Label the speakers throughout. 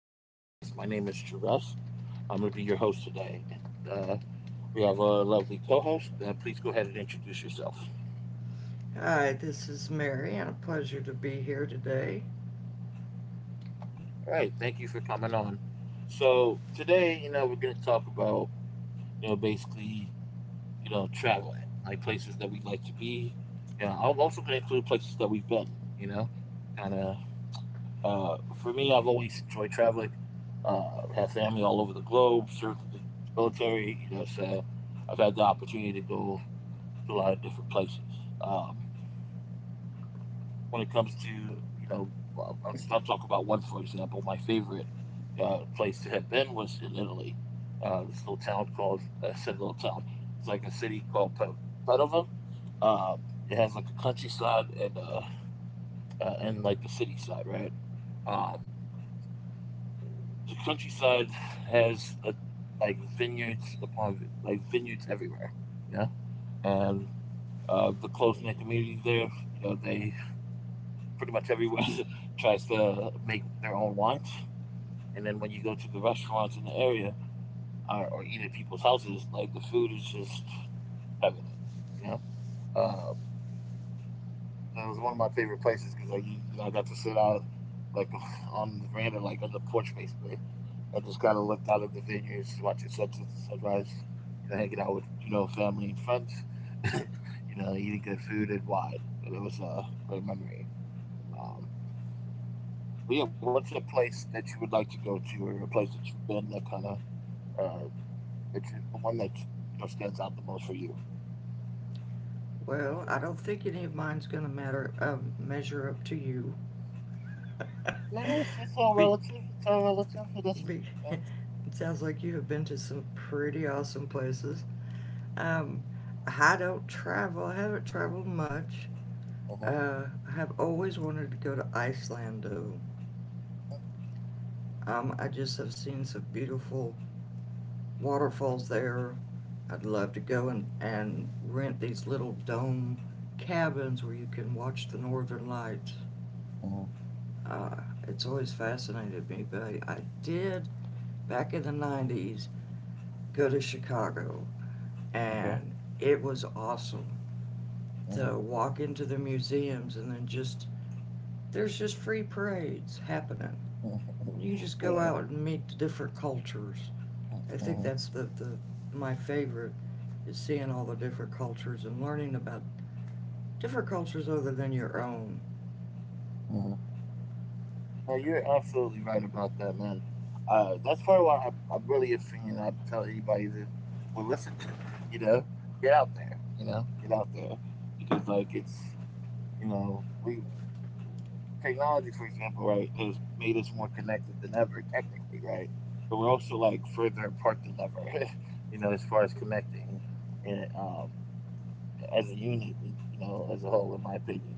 Speaker 1: my podcast. My name is Jerus. I'm going to be your host today. And uh, we have a lovely co host. Please go ahead and introduce yourself.
Speaker 2: Hi, this is Mary, and a pleasure to be here today.
Speaker 1: All right, thank you for coming on. So, today, we're going to talk about, basically, traveling, like places that we'd like to be. You know, I'm also going to include places that we've been, you know, kind of. For me, I've always enjoyed traveling. Have family all over the globe, served in the military, you know, so I've had the opportunity to go to a lot of different places. Um, when it comes to, you know, I'll talk about one, for example. My favorite place to have been was in Italy. This little town called, I said little town, it's like a city called Padova. Um, it has like a countryside and like the city side, right? Um, The countryside has a, like vineyards upon like vineyards everywhere. Yeah, and the close knit community there, you know, they pretty much everyone tries to make their own wines. And then when you go to the restaurants in the area or eat at people's houses, like the food is just heavenly. You know, uh, That was one of my favorite places because like I got to sit out like on the veranda, like on the porch basically, and just kind of looked out at the vineyards, watching sunset and sunrise. You know, hanging out with family and friends. Eating good food and wine, and it was a great memory. Um, but yeah, what's a place that you would like to go to, or a place that you've been that kind of, uh, that you, the one that stands out the most for you?
Speaker 2: Well, I don't think any of mine's gonna matter measure up to you.
Speaker 1: No, it's all
Speaker 2: be,
Speaker 1: relative. It's all relative. It doesn't.
Speaker 2: be,
Speaker 1: Yeah.
Speaker 2: it sounds like you have been to some pretty awesome places. Um, I don't travel. I haven't traveled much.
Speaker 1: Uh huh.
Speaker 2: I have always wanted to go to Iceland, though. I just have seen some beautiful waterfalls there. I'd love to go and, rent these little dome cabins where you can watch the northern lights.
Speaker 1: Uh huh.
Speaker 2: Uh, it's always fascinated me, but I did back in the 90s go to Chicago,
Speaker 1: Okay.
Speaker 2: and it was awesome
Speaker 1: Uh huh.
Speaker 2: to walk into the museums, and then just there's just free parades happening. You can just go
Speaker 1: Yeah.
Speaker 2: out and meet the different cultures.
Speaker 1: Uh-huh,
Speaker 2: I think
Speaker 1: uh-huh.
Speaker 2: that's the my favorite is seeing all the different cultures and learning about different cultures other than your own.
Speaker 1: No, you're absolutely right about that, man. That's part of why I'm really a fan. I tell anybody that will listen, you know, get out there, get out there because, like, it's you know, we technology, for example, right, has made us more connected than ever, technically, right, but we're also like further apart than ever, you know, as far as connecting and as a unit, you know, as a whole, in my opinion.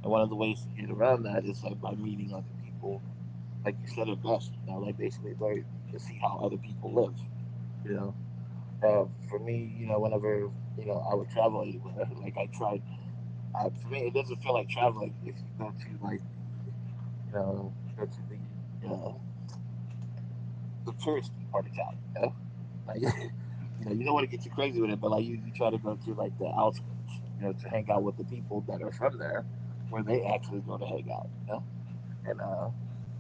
Speaker 1: And one of the ways to get around that is like by meeting other people. Like you said it best, you know, like basically learn to see how other people live, you know. For me, you know, whenever I would travel anywhere, like I tried, for me, it doesn't feel like traveling if you go to like the the touristy part of town, you know. Like, you know, you don't want to get you crazy with it, but like you try to go to like the outskirts, you know, to hang out with the people that are from there where they actually go to hang out, you know? And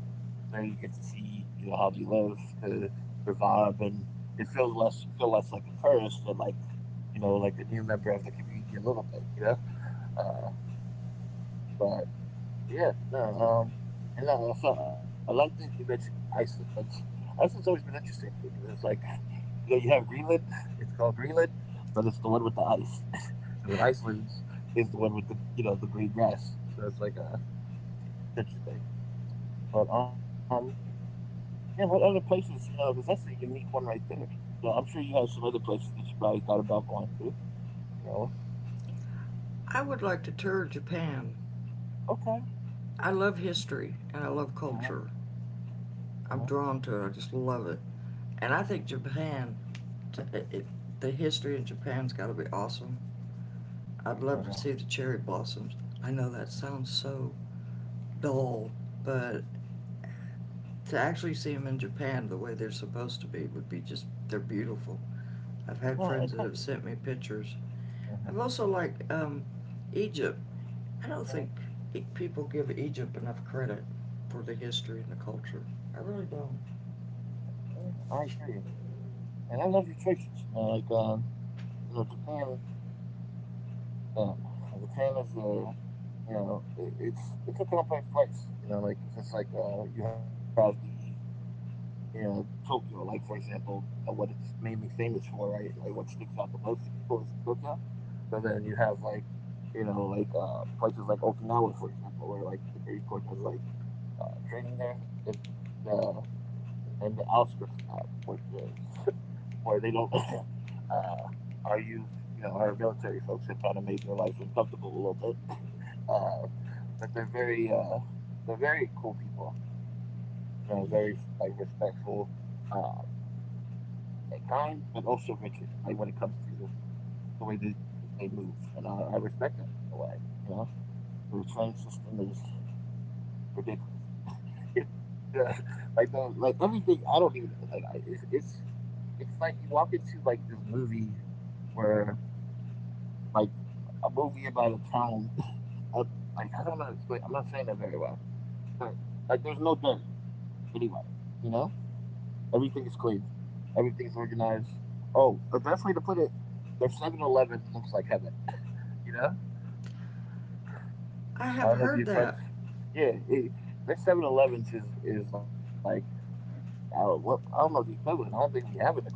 Speaker 1: there you get to see, you know, how they live, the, their vibe, and it feels less you feel less like a tourist and like, you know, like a new member of the community a little bit, you know? Uh but yeah, no, and I like that you mentioned Iceland. Iceland's always been interesting to me because it's like, you know, you have Greenland. It's called Greenland, but it's the one with the ice, and then Iceland is the one with the the green grass. So it's like a interesting thing. But yeah, what other places you know? Because that's a unique one right there. So I'm sure you have some other places that you probably thought about going to. You know?
Speaker 2: I would like to tour Japan.
Speaker 1: Okay.
Speaker 2: I love history and I love
Speaker 1: Mm-hmm.
Speaker 2: culture.
Speaker 1: Mm-hmm.
Speaker 2: I'm drawn to it. I just love it. And I think Japan, it, it, the history in Japan's got to be awesome. I'd love to
Speaker 1: Yeah.
Speaker 2: see the cherry blossoms. I know that sounds so dull, but to actually see them in Japan the way they're supposed to be would be just, they're beautiful. I've
Speaker 1: No,
Speaker 2: had
Speaker 1: I
Speaker 2: friends
Speaker 1: kind
Speaker 2: that have sent me pictures.
Speaker 1: of, mm-hmm,
Speaker 2: I've also liked Egypt. I don't
Speaker 1: mm-hmm,
Speaker 2: think people give Egypt enough credit for the history and the culture. I really don't.
Speaker 1: mm-hmm. I agree. And I love your choices. You know, like you know, Japan. Um, Japan is a, you know, it's a complex place. You know, like 'cause it's just like you have the, you know, Tokyo. Like for example, you know what it's mainly famous for, right? Like what sticks out the most to people is like Tokyo. But then you have like, you know, like places like Okinawa, for example, where like the Marine Corps does like training there, and and the outskirts of that, which is where they don't our youth, you know, our military folks have kind of made their life uncomfortable a little bit. Uh, but they're very cool people. You know, very like respectful, uh, and kind, but also rigid. Like when it comes to the way they move, and I respect that in a way. You know, the train system is ridiculous. You know, like like everything. I don't even like. I, it's like you walk into like this movie where like a movie about a town. Up, like I don't know how to explain. I'm not saying that very well, but like there's no dirt anywhere. You know, everything is clean. Everything's organized. Oh, the best way to put it, their 7-Eleven looks like heaven. You know,
Speaker 2: I
Speaker 1: I
Speaker 2: have
Speaker 1: don't know if you're
Speaker 2: heard
Speaker 1: French.
Speaker 2: that.
Speaker 1: Yeah, their Seven Elevens is like what I don't know the equivalent. I don't think we have an equivalent.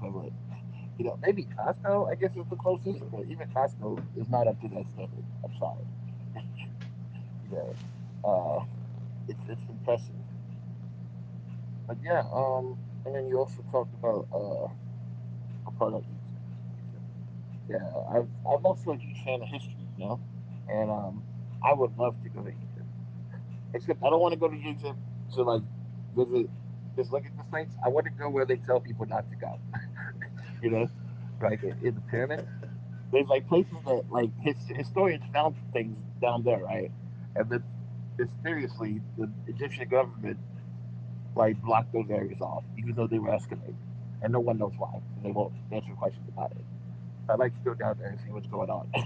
Speaker 1: You know, maybe Costco. I guess is the closest, but even Costco is not up to that standard. I'm sorry. you know, uh, it's impressive. But yeah, and then you also talked about a part of Egypt. Egypt. Yeah, I'm also a huge fan of history, you know, and I would love to go to Egypt. Except I don't want to go to Egypt to like visit, just look at the sites. I want to go where they tell people not to go, you know, like in the pyramids. There's like places that like historians found things down there, right? And then mysteriously, the Egyptian government like blocked those areas off, even though they were excavated, and no one knows why. They won't answer questions about it. So I'd like to go down there and see what's going on,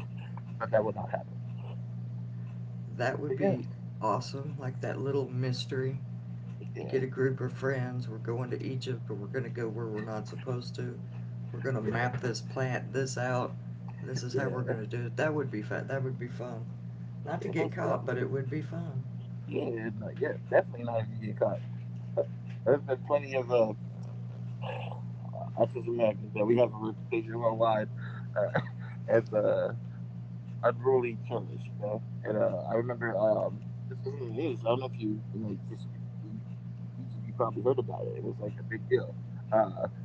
Speaker 1: but that will not happen.
Speaker 2: That would
Speaker 1: But yeah,
Speaker 2: be awesome, like that little mystery. You
Speaker 1: yeah,
Speaker 2: get a group of friends, we're going to Egypt, but we're going to go where we're not supposed to. We're
Speaker 1: yeah,
Speaker 2: going to map this plant, this out. This is how we're
Speaker 1: yeah,
Speaker 2: going to do it. That would be fun. That would be fun. Not to
Speaker 1: yeah,
Speaker 2: get
Speaker 1: most
Speaker 2: caught, but it
Speaker 1: definitely.
Speaker 2: would be fun.
Speaker 1: Yeah, no, yeah, definitely not if you get caught. There's been plenty of us as Americans, man. We have a reputation worldwide uh, as I'd really kill you know. And I remember this was in the news. I don't know if you, you know, just you, each of you probably heard about it. It was like a big deal. Uh, uh,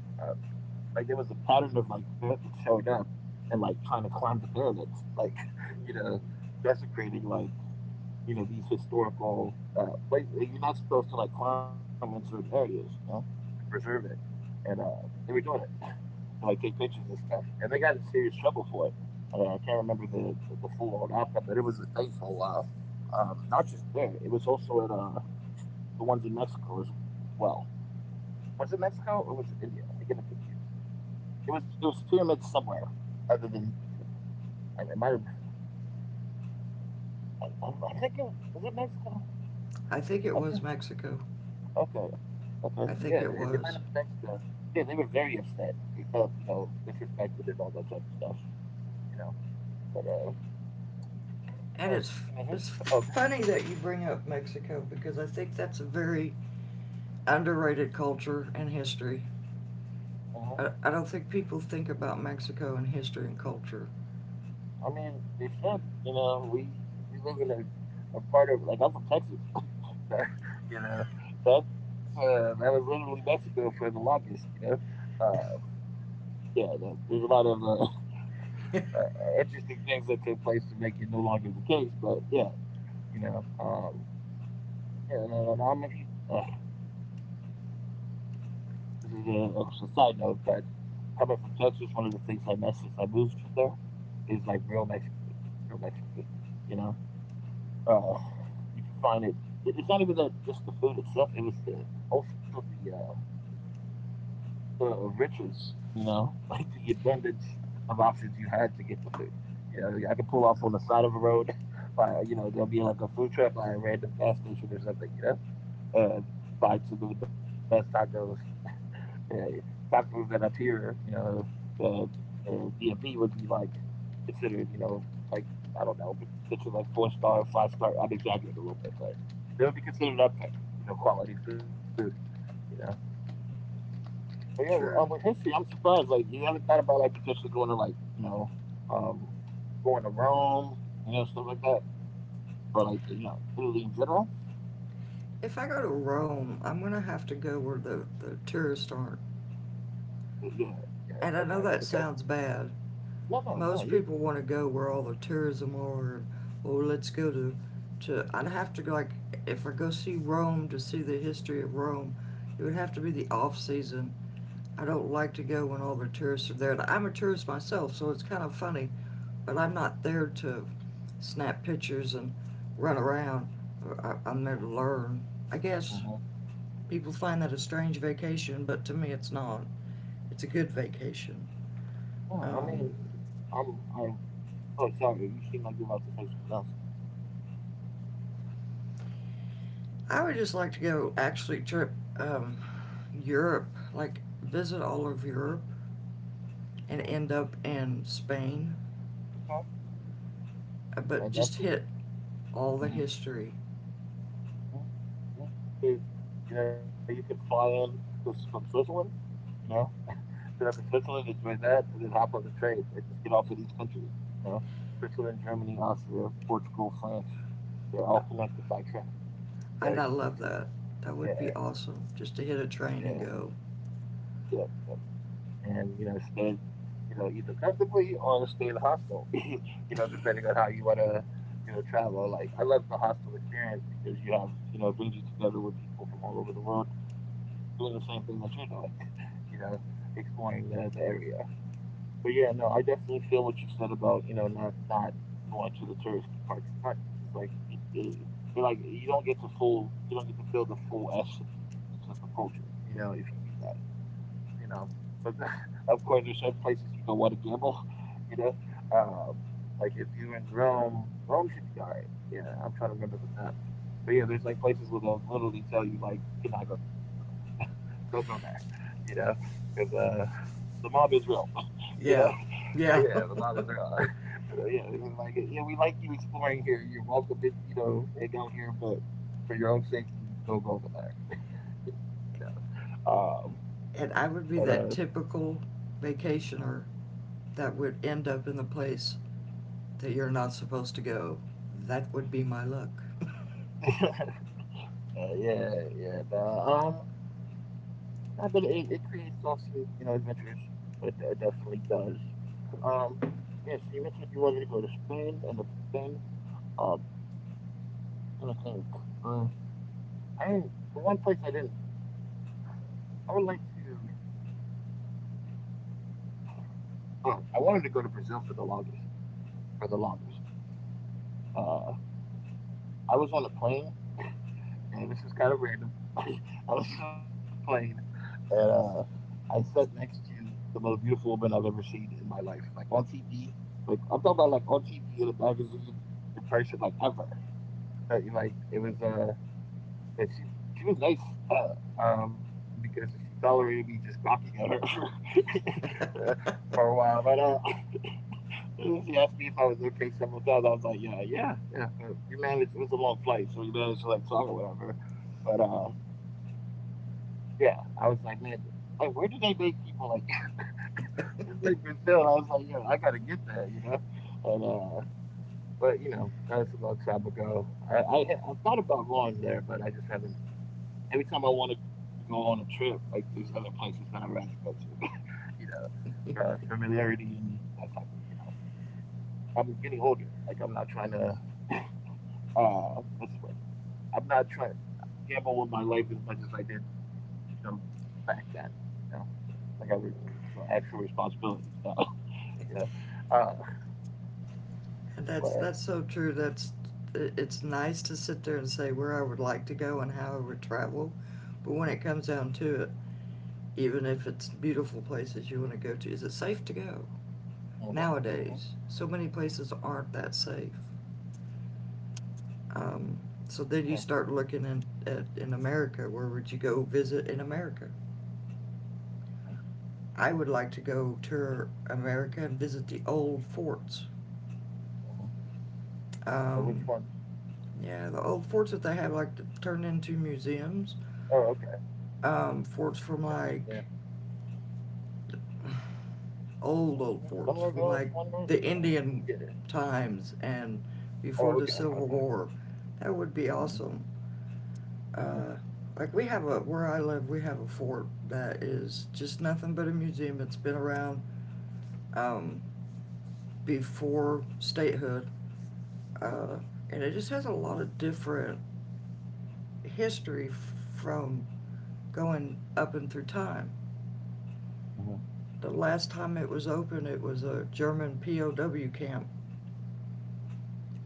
Speaker 1: like there was a pattern of like Americans showing up and like trying to climb the pyramids, like you know, desecrating like these historical places. You're not supposed to like climb in certain areas, you know, to preserve it. And they were doing it, and, like take pictures and stuff. And they got in serious trouble for it. I mean, I can't remember the full on outcome, but it was a thing for a while. Not just there, it was also at the ones in Mexico as well. Was it Mexico or was it India? I get them confused. It was pyramids somewhere other than Egypt. I, it might have. I think it was it Mexico.
Speaker 2: I think it
Speaker 1: I
Speaker 2: was
Speaker 1: think.
Speaker 2: Mexico.
Speaker 1: Okay, okay, yeah,
Speaker 2: I
Speaker 1: it
Speaker 2: think
Speaker 1: might
Speaker 2: it
Speaker 1: have been
Speaker 2: was.
Speaker 1: Mexico. Yeah, they were very upset. They felt, you know, disrespected and all that type of stuff, you know. But
Speaker 2: And
Speaker 1: yeah,
Speaker 2: it's
Speaker 1: speaking of
Speaker 2: it's
Speaker 1: history, oh,
Speaker 2: funny that you bring up Mexico because I think that's a very underrated culture and history.
Speaker 1: uh-huh.
Speaker 2: I don't think people think about Mexico and history and culture.
Speaker 1: I mean, they should, you know. We live in a part of like I'm from Texas, that you know. That's that was literally Mexico for the longest, you know. Uh, yeah, there's a lot of uh, interesting things that took place to make it no longer the case. But yeah, you know, yeah, and and I'm a huge this is a side note, but coming from Texas, one of the things I miss since I moved from there is like real Mexican food. You know, uh, you can find it. It's not even that just the food itself. It was the also the riches. You know, like the abundance of options you had to get the food. I could pull off on the side of a road. There'll be like a food truck by a random gas station or something. You know, and Find some of the best tacos. Yeah, tacos that up here, uh, DMV would be like considered, you know, like I don't know, potentially like four star, five star. I'm exaggerating a little bit, but they would be considered up there, you know, quality food, you know. But yeah, well, with
Speaker 2: True.
Speaker 1: history, I'm surprised. Like you haven't thought about like potentially going to um, going to Rome, you know, stuff like that, or like you know, Italy in general.
Speaker 2: If I go to Rome, I'm going to have to go where the tourists aren't.
Speaker 1: Yeah, yeah,
Speaker 2: And
Speaker 1: okay,
Speaker 2: I know
Speaker 1: okay.
Speaker 2: that sounds bad.
Speaker 1: No, no, no.
Speaker 2: Most people want to go where all the tourism are. And, oh, let's go to, to. I'd have to, like, if I go see Rome to see the history of Rome, it would have to be the off season. I don't like to go when all the tourists are there. Like, I'm a tourist myself, so it's kind of funny, but I'm not there to snap pictures and run around. I'm there to learn. I guess
Speaker 1: Hmm.
Speaker 2: people find that a strange vacation, but to me, it's not. It's a good vacation.
Speaker 1: No, I mean,
Speaker 2: Um,
Speaker 1: I'm I oh, sorry. You seem like you're about to say something else.
Speaker 2: I would just like to go actually trip um, Europe, like visit all of Europe and
Speaker 1: Hmm.
Speaker 2: end up in Spain,
Speaker 1: Okay.
Speaker 2: but
Speaker 1: And that's
Speaker 2: just hit all the
Speaker 1: mhm.
Speaker 2: history.
Speaker 1: Yeah, yeah. You know, you could fly in just from Switzerland. You know, sit up in Switzerland, enjoy that, and then hop on the train and just get off in each country. You know, Switzerland, Germany, Austria, Portugal, France. They're all connected by train.
Speaker 2: And
Speaker 1: So
Speaker 2: I
Speaker 1: you
Speaker 2: love
Speaker 1: can just,
Speaker 2: that. That would
Speaker 1: yeah,
Speaker 2: be awesome just to hit a
Speaker 1: yeah,
Speaker 2: train and go.
Speaker 1: yeah, yeah. And you know stay, you know, either comfortably or stay in a hostel. You know, depending on how you wanna, you know, travel. Like I love the hostel experience because you have, you know, it brings you together with people from all over the world doing the same thing that you're doing. You know, exploring the area. But yeah, no, I definitely feel what you said about you know not going to the touristy park as much because like it like you don't get to feel the full essence of the culture. You know, if you do that you know. But of course, there's certain places you don't want to gamble, you know. Uh, like if you're in Rome, Rome should be all right. Yeah, I'm trying to remember the map. But yeah, there's like places where they'll literally tell you like you cannot go there. Don't go there. You know, because the mob is real. You know,
Speaker 2: Yeah, yeah.
Speaker 1: yeah, the mob is real. You know, yeah, it's like yeah, we like you exploring here. You're welcome to you know and go here, but for your own safety, don't go over there. You know,
Speaker 2: And I would be that typical vacationer that would end up in the place that you're not supposed to go. That would be my luck.
Speaker 1: but yeah, yeah. But, um, I but it creates awesome, you know, adventures. It definitely does. Um, yeah. So you mentioned you wanted to go to Spain and up Spain. Um, I'm trying think. Uh, I didn't- the one place I didn't. I would like to. Oh, I wanted to go to Brazil for the longest. For the longest. Uh, I was on a plane and this is kind of random. I was on a plane, and I sat next to the most beautiful woman I've ever seen in my life, like on TV. Like I'm talking about, like on TV in a magazine, in person, like ever. Like, it was, and she was nice, because she tolerated me just gawking at her for a
Speaker 2: And
Speaker 1: while. But she asked me if I was okay several times. I was like, yeah, yeah, yeah. But we managed. It was a long flight, so we managed to like talk or whatever. But yeah, I was like, man, like where do they make people like it's like Brazil? I was like, yo, I gotta get that, you know. And uh, but you know, that's a long time ago. I've thought about going there, but I just haven't. Every time I want to go on a trip, like there's other places that I'd rather go to, you know, familiarity and that type of, you know. I'm getting older. Like I'm not trying to, what's the word? I'm not trying to gamble with my life as much as I did, you know, back then. You know, like I would, you know, actual responsibilities now. Yeah. Uh,
Speaker 2: that's
Speaker 1: but,
Speaker 2: that's so true. That's it's nice to sit there and say where I would like to go and how I would travel. But when
Speaker 1: hmm,
Speaker 2: it comes down to it, even if it's beautiful places you want to go to, is it safe to go?
Speaker 1: hmm, hmm,
Speaker 2: Nowadays, so many
Speaker 1: hmm,
Speaker 2: places aren't that safe. Um, so then you
Speaker 1: yeah,
Speaker 2: start looking at in America. Where would you go visit in America?
Speaker 1: hmm,
Speaker 2: I would like to go tour America and visit the old forts.
Speaker 1: hmm. And which
Speaker 2: Um,
Speaker 1: ones?
Speaker 2: yeah, the old forts that they have like to turn into museums.
Speaker 1: Oh, okay. Yeah.
Speaker 2: Forts from like
Speaker 1: I think some of those wonder.
Speaker 2: old forts
Speaker 1: Oh,
Speaker 2: from like
Speaker 1: yeah.
Speaker 2: the Indian times and
Speaker 1: Oh, okay.
Speaker 2: before
Speaker 1: Okay.
Speaker 2: the Civil War. That would
Speaker 1: Hmm,
Speaker 2: be awesome. Uh, like we have a, where I live, we have a fort that is just nothing but a museum. It's been around um, before statehood, uh, and it just has a lot of different history from going up and through time.
Speaker 1: hmm,
Speaker 2: The last time it was open, it was a German POW camp,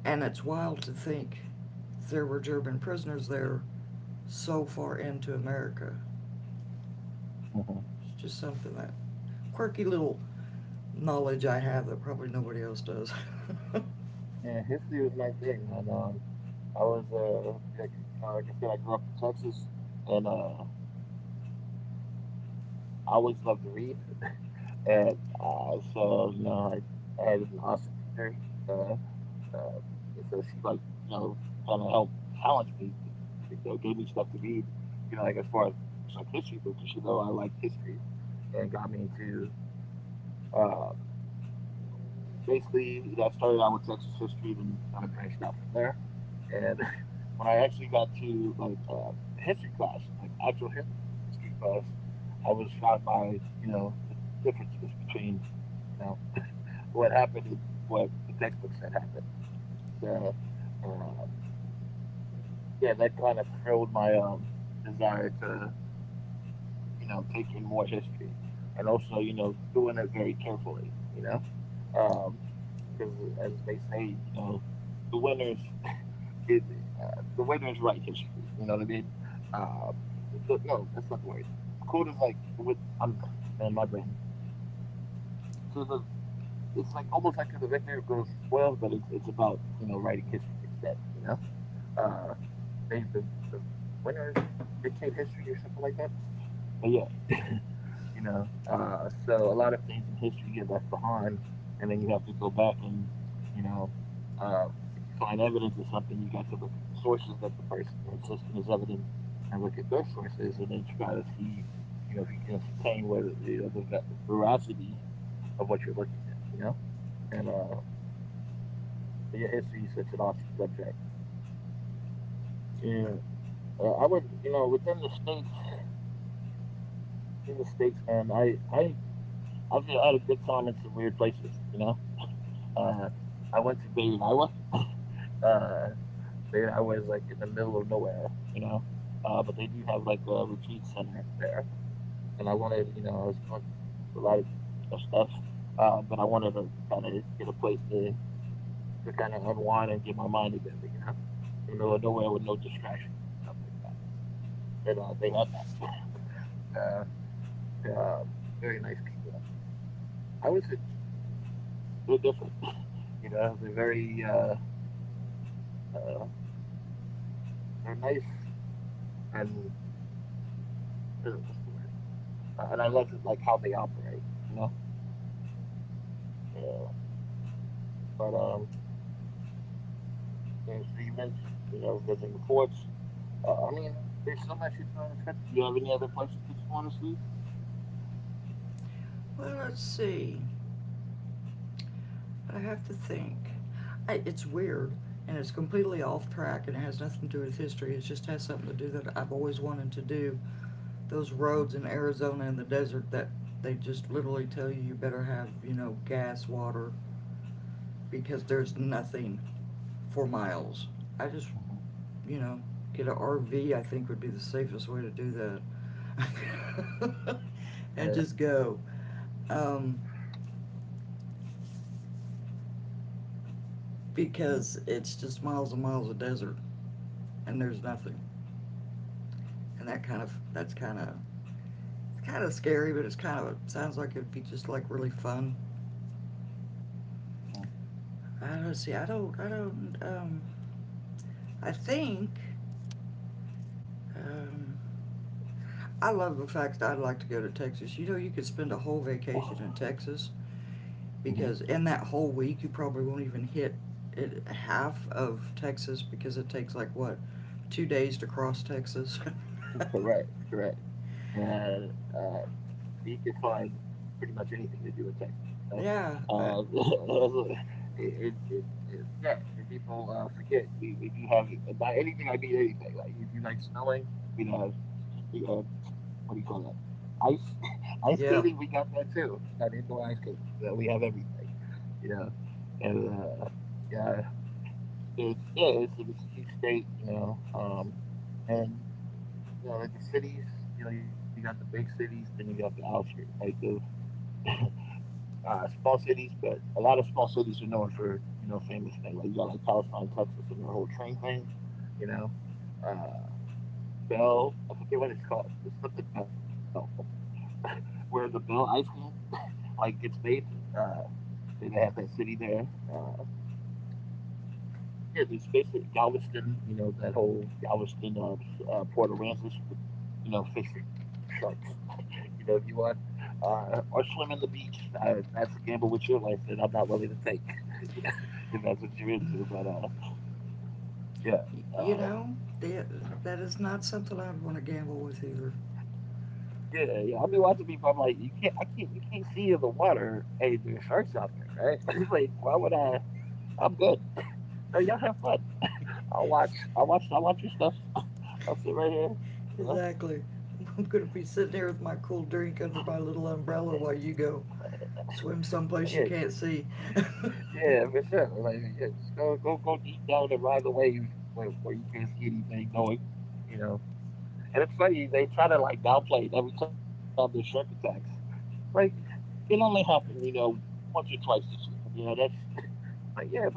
Speaker 2: and it's wild to think there were German prisoners there so far into America.
Speaker 1: hmm.
Speaker 2: It's just something that quirky little knowledge I have that probably nobody else does.
Speaker 1: Yeah, history was my thing, and I was yeah, you know, like I said, I grew up in Texas, and I always loved to read, and so you know, I had an awesome teacher. Uh, Uh, and so she like you know kind of helped challenge me. You know, gave me stuff to read. You know, like as far as like history books, because she know I liked history and got me into. Uh, basically, you know, I started out with Texas history, then kind of branched out from there. And when I actually got to like the history class, like actual history class, I was shocked by you know the differences between you know what happened and what the textbook said happened. So, um, yeah, that kind of thrilled my desire to, you know, take in more history and also, you know, doing it very carefully, you know, um, because as they say, you know, the winners, is, the winners write history. You know what I mean? Uh, the, no, that's not the word. The quote is like, with, I'm man, my brain. So the it's like almost like to the victor goes the spoils, but it's about you know writing history instead. You know, uh, they the, the winners dictate history or something like that. But yeah, you know, so a lot of things in history get left behind, and then you have to go back and, you know, uh, if you find evidence of something, you got to look at the sources that the person is listing as evidence, and look at their sources, and then try to see, you know, if you can ascertain whether you know the veracity of what you're looking at, you know, and but yeah, history is such an awesome subject. Yeah, I would, you know, within the states, in the states, man, I've had a good time in some weird places, you know. Uh, I went to Baden-Iowa. Uh, Baden-Iowa is like in the middle of nowhere, you know. But they do have like a retreat center there, and I wanted, you know, I was going through a lot of, you know, stuff. But I wanted to, kind of get a place to kind of unwind and get my mind together, you know, in the middle of nowhere with no distractions and stuff like that. And they had that. Very nice people. I would say they're different. You know, uh, they're nice and what's the word? And I love like how they operate, you know. Yeah, but yeah, so you mentioned you know visiting forts. I mean, there's so much to do in this country. Do you have any other places that you want to see?
Speaker 2: Well, let's see. I have to think. It's weird, and it's completely off track, and it has nothing to do with history. It just has something to do that I've always wanted to do. Those
Speaker 1: Mm-hmm.
Speaker 2: roads in Arizona in the desert that they just literally tell you you better have, you know, gas, water, because there's nothing for miles. I just,
Speaker 1: Mm-hmm.
Speaker 2: you know, get an RV I think would be the safest way to do that.
Speaker 1: Yeah.
Speaker 2: And just go um,
Speaker 1: Mm-hmm.
Speaker 2: because it's just miles and miles of desert, and there's nothing. And that's kind of, it's kind of scary, but it's kind of, it sounds like it'd be just like really fun. I don't see. I don't. I don't. I think. Um, I love the fact that I'd like to go to Texas. You know, you could spend a whole vacation in Texas,
Speaker 1: Mm-hmm.
Speaker 2: because in that whole week you probably won't even hit half of Texas, because it takes like what, 2 days to cross Texas.
Speaker 1: Correct. Correct. And he could find pretty much anything to do in Texas. You
Speaker 2: yeah,
Speaker 1: know,
Speaker 2: I,
Speaker 1: yeah, and people forget we do have and by anything I mean anything. Like if you like snowing, I mean uh what do you call that? Ice ice
Speaker 2: yeah.
Speaker 1: skating. We got that too. We got indoor ice skating. So we have everything. You know, and yeah, so it's, yeah, it's a huge state. You know, and you know like the cities. You know, you got the big cities, then you got the outskirts, like the small cities, but a lot of small cities are known for you know famous things. Like you got like Palestine, Texas, and their whole train thing. You know, uh, Bell. I forget what it's called. It's something Bell, where the Bell ice cream like gets made. Uh, they have that city there. Uh, yeah, there's basically Galveston. You know that whole Galveston port Aransas. You could you know fish for sharks. You know, if you want, or swim in the beach. That's a gamble with your life that I'm not willing to take. You know, if that's what you're into. But yeah,
Speaker 2: You know,
Speaker 1: uh,
Speaker 2: that, that is not something I'd want to gamble with either.
Speaker 1: yeah, yeah. I'll be watching people. I'm like, you can't see in the water. Hey, there's sharks out there, right? It's like, why would I? I'm good. So y'all have fun. I'll watch your stuff. I'll sit right here. You know?
Speaker 2: Exactly. I'm gonna be sitting here with my cool drink under my little umbrella while you go swim
Speaker 1: Yeah,
Speaker 2: someplace you can't see.
Speaker 1: yeah, for sure. Like, yeah, just go, go, go deep down and ride the wave where you can't see anything, knowing, you know, And it's funny, they try to like downplay it every time there's shark attacks. Like, it only happened, once or twice this year. You know, that's like, yeah, but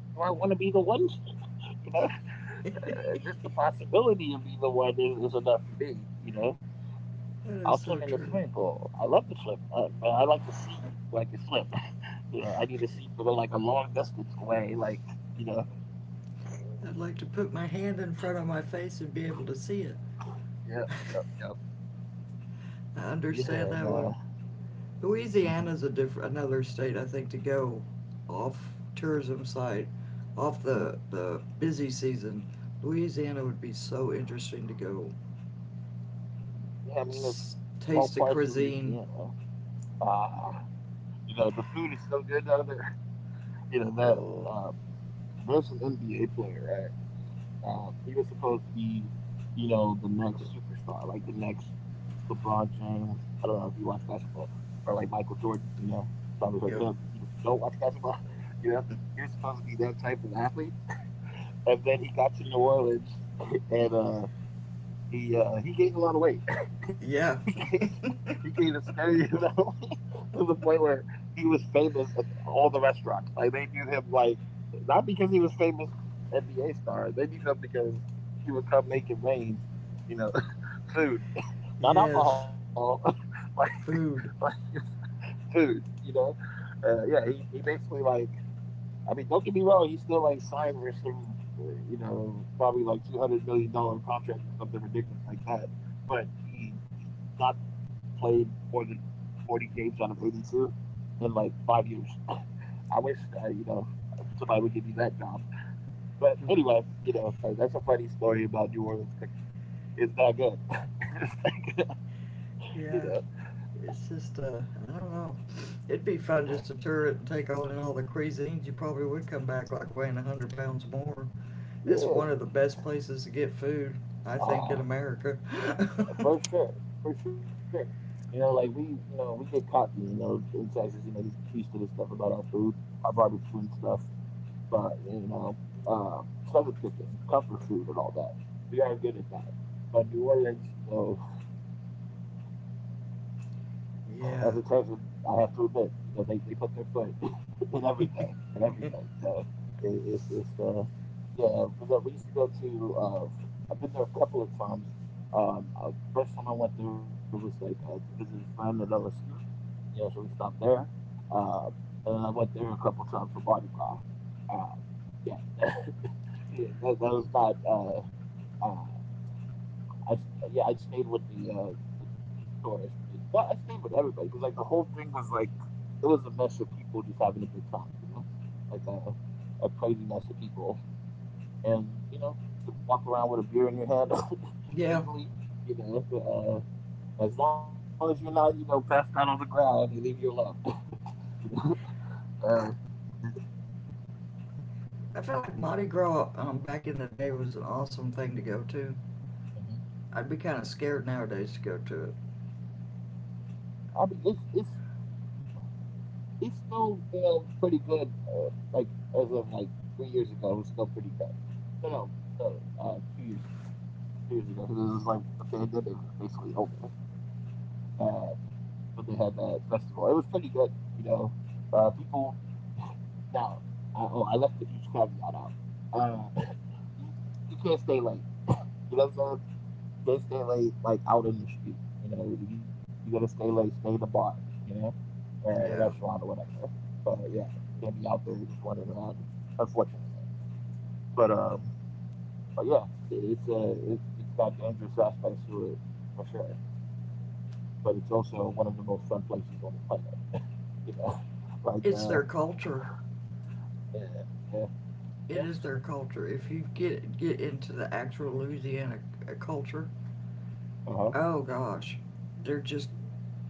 Speaker 1: do I want to be the one? You know,
Speaker 2: That
Speaker 1: just the possibility of being the one is enough for me. You know, I'll swim
Speaker 2: is
Speaker 1: in the
Speaker 2: so
Speaker 1: swimming
Speaker 2: true.
Speaker 1: pool. I love to swim, but I like to see where I can swim. You know, I need to see from like a long distance away. Like, you know,
Speaker 2: I'd like to put my hand in front of my face and be able to see it.
Speaker 1: yep, yep, yep.
Speaker 2: I
Speaker 1: Yeah,
Speaker 2: understand that
Speaker 1: no.
Speaker 2: one.
Speaker 1: Hmm.
Speaker 2: Louisiana's another state I think to go off tourism side, off the
Speaker 1: Hmm.
Speaker 2: busy season. Louisiana would be so interesting to go
Speaker 1: Yeah, I mean, it's all
Speaker 2: taste the
Speaker 1: parts of
Speaker 2: cuisine.
Speaker 1: Louisiana. Uh, You know, the food is so good down there. You know that
Speaker 2: Oh,
Speaker 1: uh, there's an NBA player, right? He was supposed to be, you know, the next superstar, like the next LeBron James. I don't know if you watch basketball or like Michael Jordan. You know, probably heard of him.
Speaker 2: yeah,
Speaker 1: Even if you don't watch basketball, you know, he was supposed to be that type of athlete. And then he got to New Orleans, and he gained a lot of weight. he
Speaker 2: yeah.
Speaker 1: gained he gained a steady amount of weight to the point where he was famous at all the restaurants. Like they knew him like not because he was famous NBA star. They knew him because he would come make it rain, you know, food, not
Speaker 2: Yes,
Speaker 1: alcohol, like, like
Speaker 2: food.
Speaker 1: food, you know. Yeah, he basically, like, I mean, don't get me wrong, he's still like signed for some, you know, probably like $200 million contract or something ridiculous like that. But he's not played more than 40 games out of 82 in like 5 years. I wish, you know, somebody would give me that job. But anyway, you know, that's a funny story about New Orleans cooking. It's not good. it's not good. you
Speaker 2: Yeah, it's just I don't know. It'd be fun just to tour it and take on in all the cuisines. You probably would come back like weighing 100 pounds more. It's one of the
Speaker 1: know,
Speaker 2: best places to get food, I
Speaker 1: yeah.
Speaker 2: think, in America.
Speaker 1: For sure, for sure. You know, like we get cocky. You know, in Texas, you know, you used to this stuff about our food, our barbecue and stuff. But you know, uh, southern cooking, comfort food, and all that. We are good at that. But New Orleans, you know, as a Texan, I have to
Speaker 2: Yeah.
Speaker 1: admit, you know, they put their foot in everything, in everything. You know, it, it's yeah, because we used to go to. I've been there a couple of times. First time I went there was like to visit a friend at LSU. You know, so we stopped there. Uh, and then I went there a couple times for Mardi Gras. Uh, yeah, yeah, that was not. Uh, yeah, I stayed with the tourist base. Well, I stayed with everybody because like the whole thing was like it was a mess of people just having a good time. You know, like a crazy mess of people and you know, you can walk around with a beer in your head
Speaker 2: Yeah,
Speaker 1: legally. You know, as long as you're not, you know, passed out on the ground, they leave you alone. you know,
Speaker 2: I,
Speaker 1: uh,
Speaker 2: I feel like Mardi Gras back in the day was an awesome thing to go to.
Speaker 1: Mhm.
Speaker 2: I'd be kind of scared nowadays to go to it.
Speaker 1: I mean, it's still pretty good. Like as of like 3 years ago, it was still pretty good. No, no, no. 2 years ago, because it was like the pandemic was basically over. Uh, but they had that festival, it was pretty good. You know, people. Now, Oh, I left the huge caveat out. Uh, you, you can't stay late. You know what I'm saying? You can't stay late like out in the street. You know, if you're gonna stay late, stay in the bar. You know, or a restaurant
Speaker 2: Yeah.
Speaker 1: or whatever. But yeah, you can't be out there just wandering around. Unfortunately, but um, but yeah, it's got dangerous aspects to it for sure. But it's also one of the most fun places on the planet. You know, like
Speaker 2: It's their
Speaker 1: uh,
Speaker 2: culture.
Speaker 1: yeah, yeah,
Speaker 2: It is
Speaker 1: yeah,
Speaker 2: their
Speaker 1: yeah.
Speaker 2: culture. If you get into the actual Louisiana culture,
Speaker 1: Uh huh.
Speaker 2: oh gosh, they're just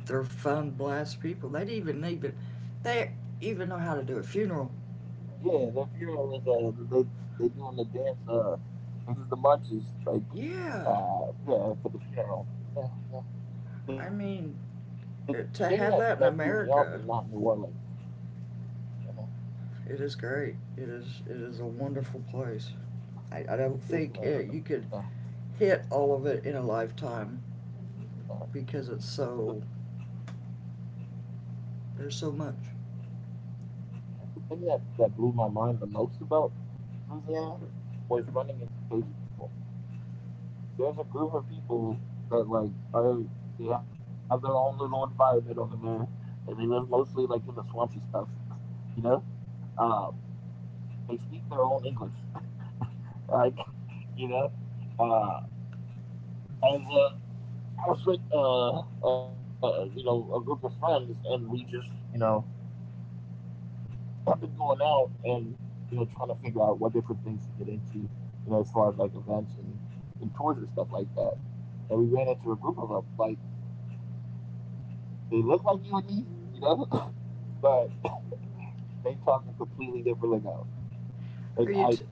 Speaker 2: they're fun blast people. They they even know how to do a funeral.
Speaker 1: Yeah, their funeral is they doing the dance. They do the marches like,
Speaker 2: Yeah,
Speaker 1: uh, yeah, for the funeral. Yeah, yeah. The
Speaker 2: I
Speaker 1: thing that
Speaker 2: mean
Speaker 1: that threw me off is
Speaker 2: to
Speaker 1: not New
Speaker 2: have that in
Speaker 1: Orleans.
Speaker 2: America,
Speaker 1: Mhm.
Speaker 2: it is great. It is, it is a wonderful place.
Speaker 1: It's
Speaker 2: I don't think
Speaker 1: uh,
Speaker 2: you could hit all of it in a lifetime
Speaker 1: uh,
Speaker 2: because
Speaker 1: the
Speaker 2: it's so, there's so much.
Speaker 1: Yeah, the thing that blew my mind the most about Louisiana was running into Cajun people. There's a group of people that like are they have their own little environment over there, and they live mostly like in the swamps and stuff. You know, uh, they speak their own English. Like, you know? Uh, and, I was with, you know, a group of friends, and we just, you know, have been going out and, you know, trying to figure out what different things to get into, you know, as far as like events and tours and stuff like that. And we ran into a group of them. Like, they look like you and me, you know, but they talk a completely different lingo. Like,
Speaker 2: Are you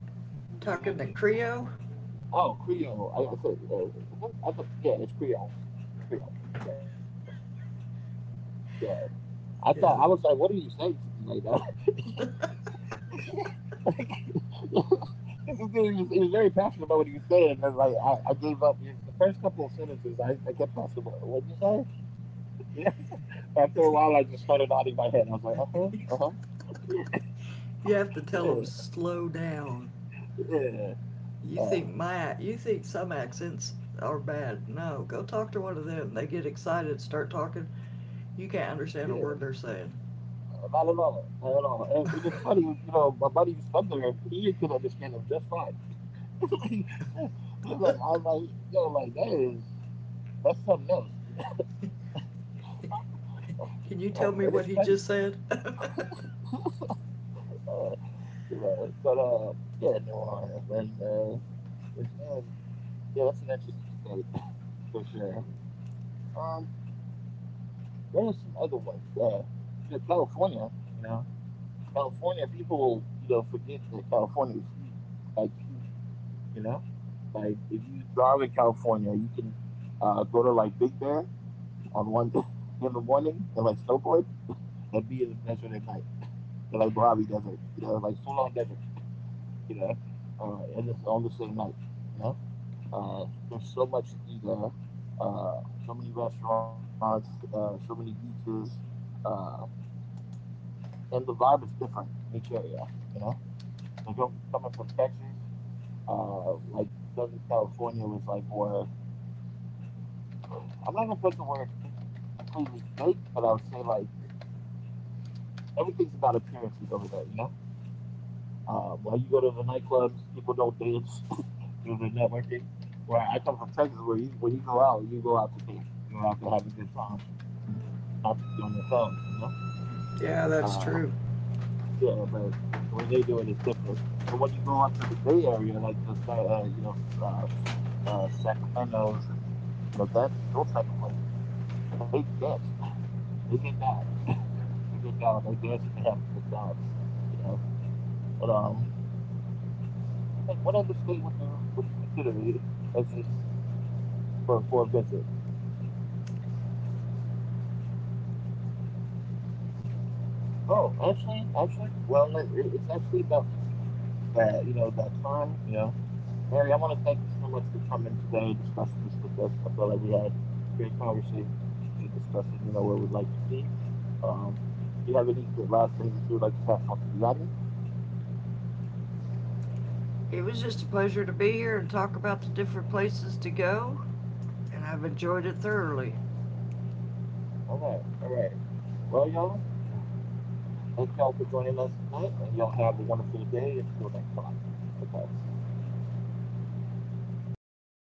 Speaker 1: there
Speaker 2: talking the
Speaker 1: was-
Speaker 2: Creole?
Speaker 1: oh, Creole. I said, I thought, yeah, it's Creole. Creole. Yes. Yeah. I thought
Speaker 2: Yeah.
Speaker 1: I was like, what are you saying to me right now? like, this is dude, he was very passionate about what he was saying, and like I gave up. It's the first couple of sentences, I kept asking, what did you say? Yeah. After
Speaker 2: It's
Speaker 1: a while, I just started nodding my head. I was like, uh
Speaker 2: you have to tell
Speaker 1: huh,
Speaker 2: them
Speaker 1: yeah,
Speaker 2: slow down.
Speaker 1: yeah, yeah,
Speaker 2: You think my, you think some accents are bad? No, go talk to one of them. They get excited, start talking. You can't
Speaker 1: yeah.
Speaker 2: understand a word they're saying.
Speaker 1: Not at all, not at all. And it's funny, you know, my buddy who's from there, he could understand him just fine. He's like, I'm like, yo, like that's something else, you know.
Speaker 2: Can
Speaker 1: And
Speaker 2: you
Speaker 1: it's
Speaker 2: tell me
Speaker 1: funny.
Speaker 2: what he just said?
Speaker 1: Uh, you know, but, yeah, New Orleans, and, Louisiana's, yeah, that's an interesting state for sure. Um, what are some other ones? You know, California, you know, California, people, you know, forget that California is huge, like huge, you know? Like, if you drive in California, you can go to like Big Bear on 1 in the morning and like snowboard and be in the desert at night, in like Mojave Desert, you know, like full on desert. You know, and this is on the same night, you know. Uh, there's so much to do there, uh, so many restaurants, so many beaches, uh, and the vibe is different in each area, you know. Like I'm coming from Texas, like Southern California was like more. I'm not gonna put the word completely fake, but I would say like it's, everything's about appearances over there, you know. Like you go to the nightclubs, people don't dance. you know, they're networking. Where I come from Texas, where you when you go out to dance. You go out to have a good time, not to be on your phone. You know.
Speaker 2: Yeah,
Speaker 1: Uh,
Speaker 2: that's true.
Speaker 1: yeah, but the way they do it is different. But when you go up to the Bay Area, like you know uh, Sacramento's and you know that those type of places, they dance. They get down. They get down. They dance and they have a good time. You know. But I think what other state would you consider as a for a visit. Oh, actually, well, like, it's actually about to be that, you know, that time. You know, Mary, I want to thank you so much for coming today and discussing this with us. I felt like we had a great conversation discussing where we'd like to be. Um, do you have any last things that you would like to pass on to the audience?
Speaker 2: It was just a pleasure to be here and talk about the different places to go, and I've enjoyed it thoroughly.
Speaker 1: All right, all right. Well, y'all, yeah, thank y'all for joining us tonight, and y'all have a wonderful day until next time. Okay, bye.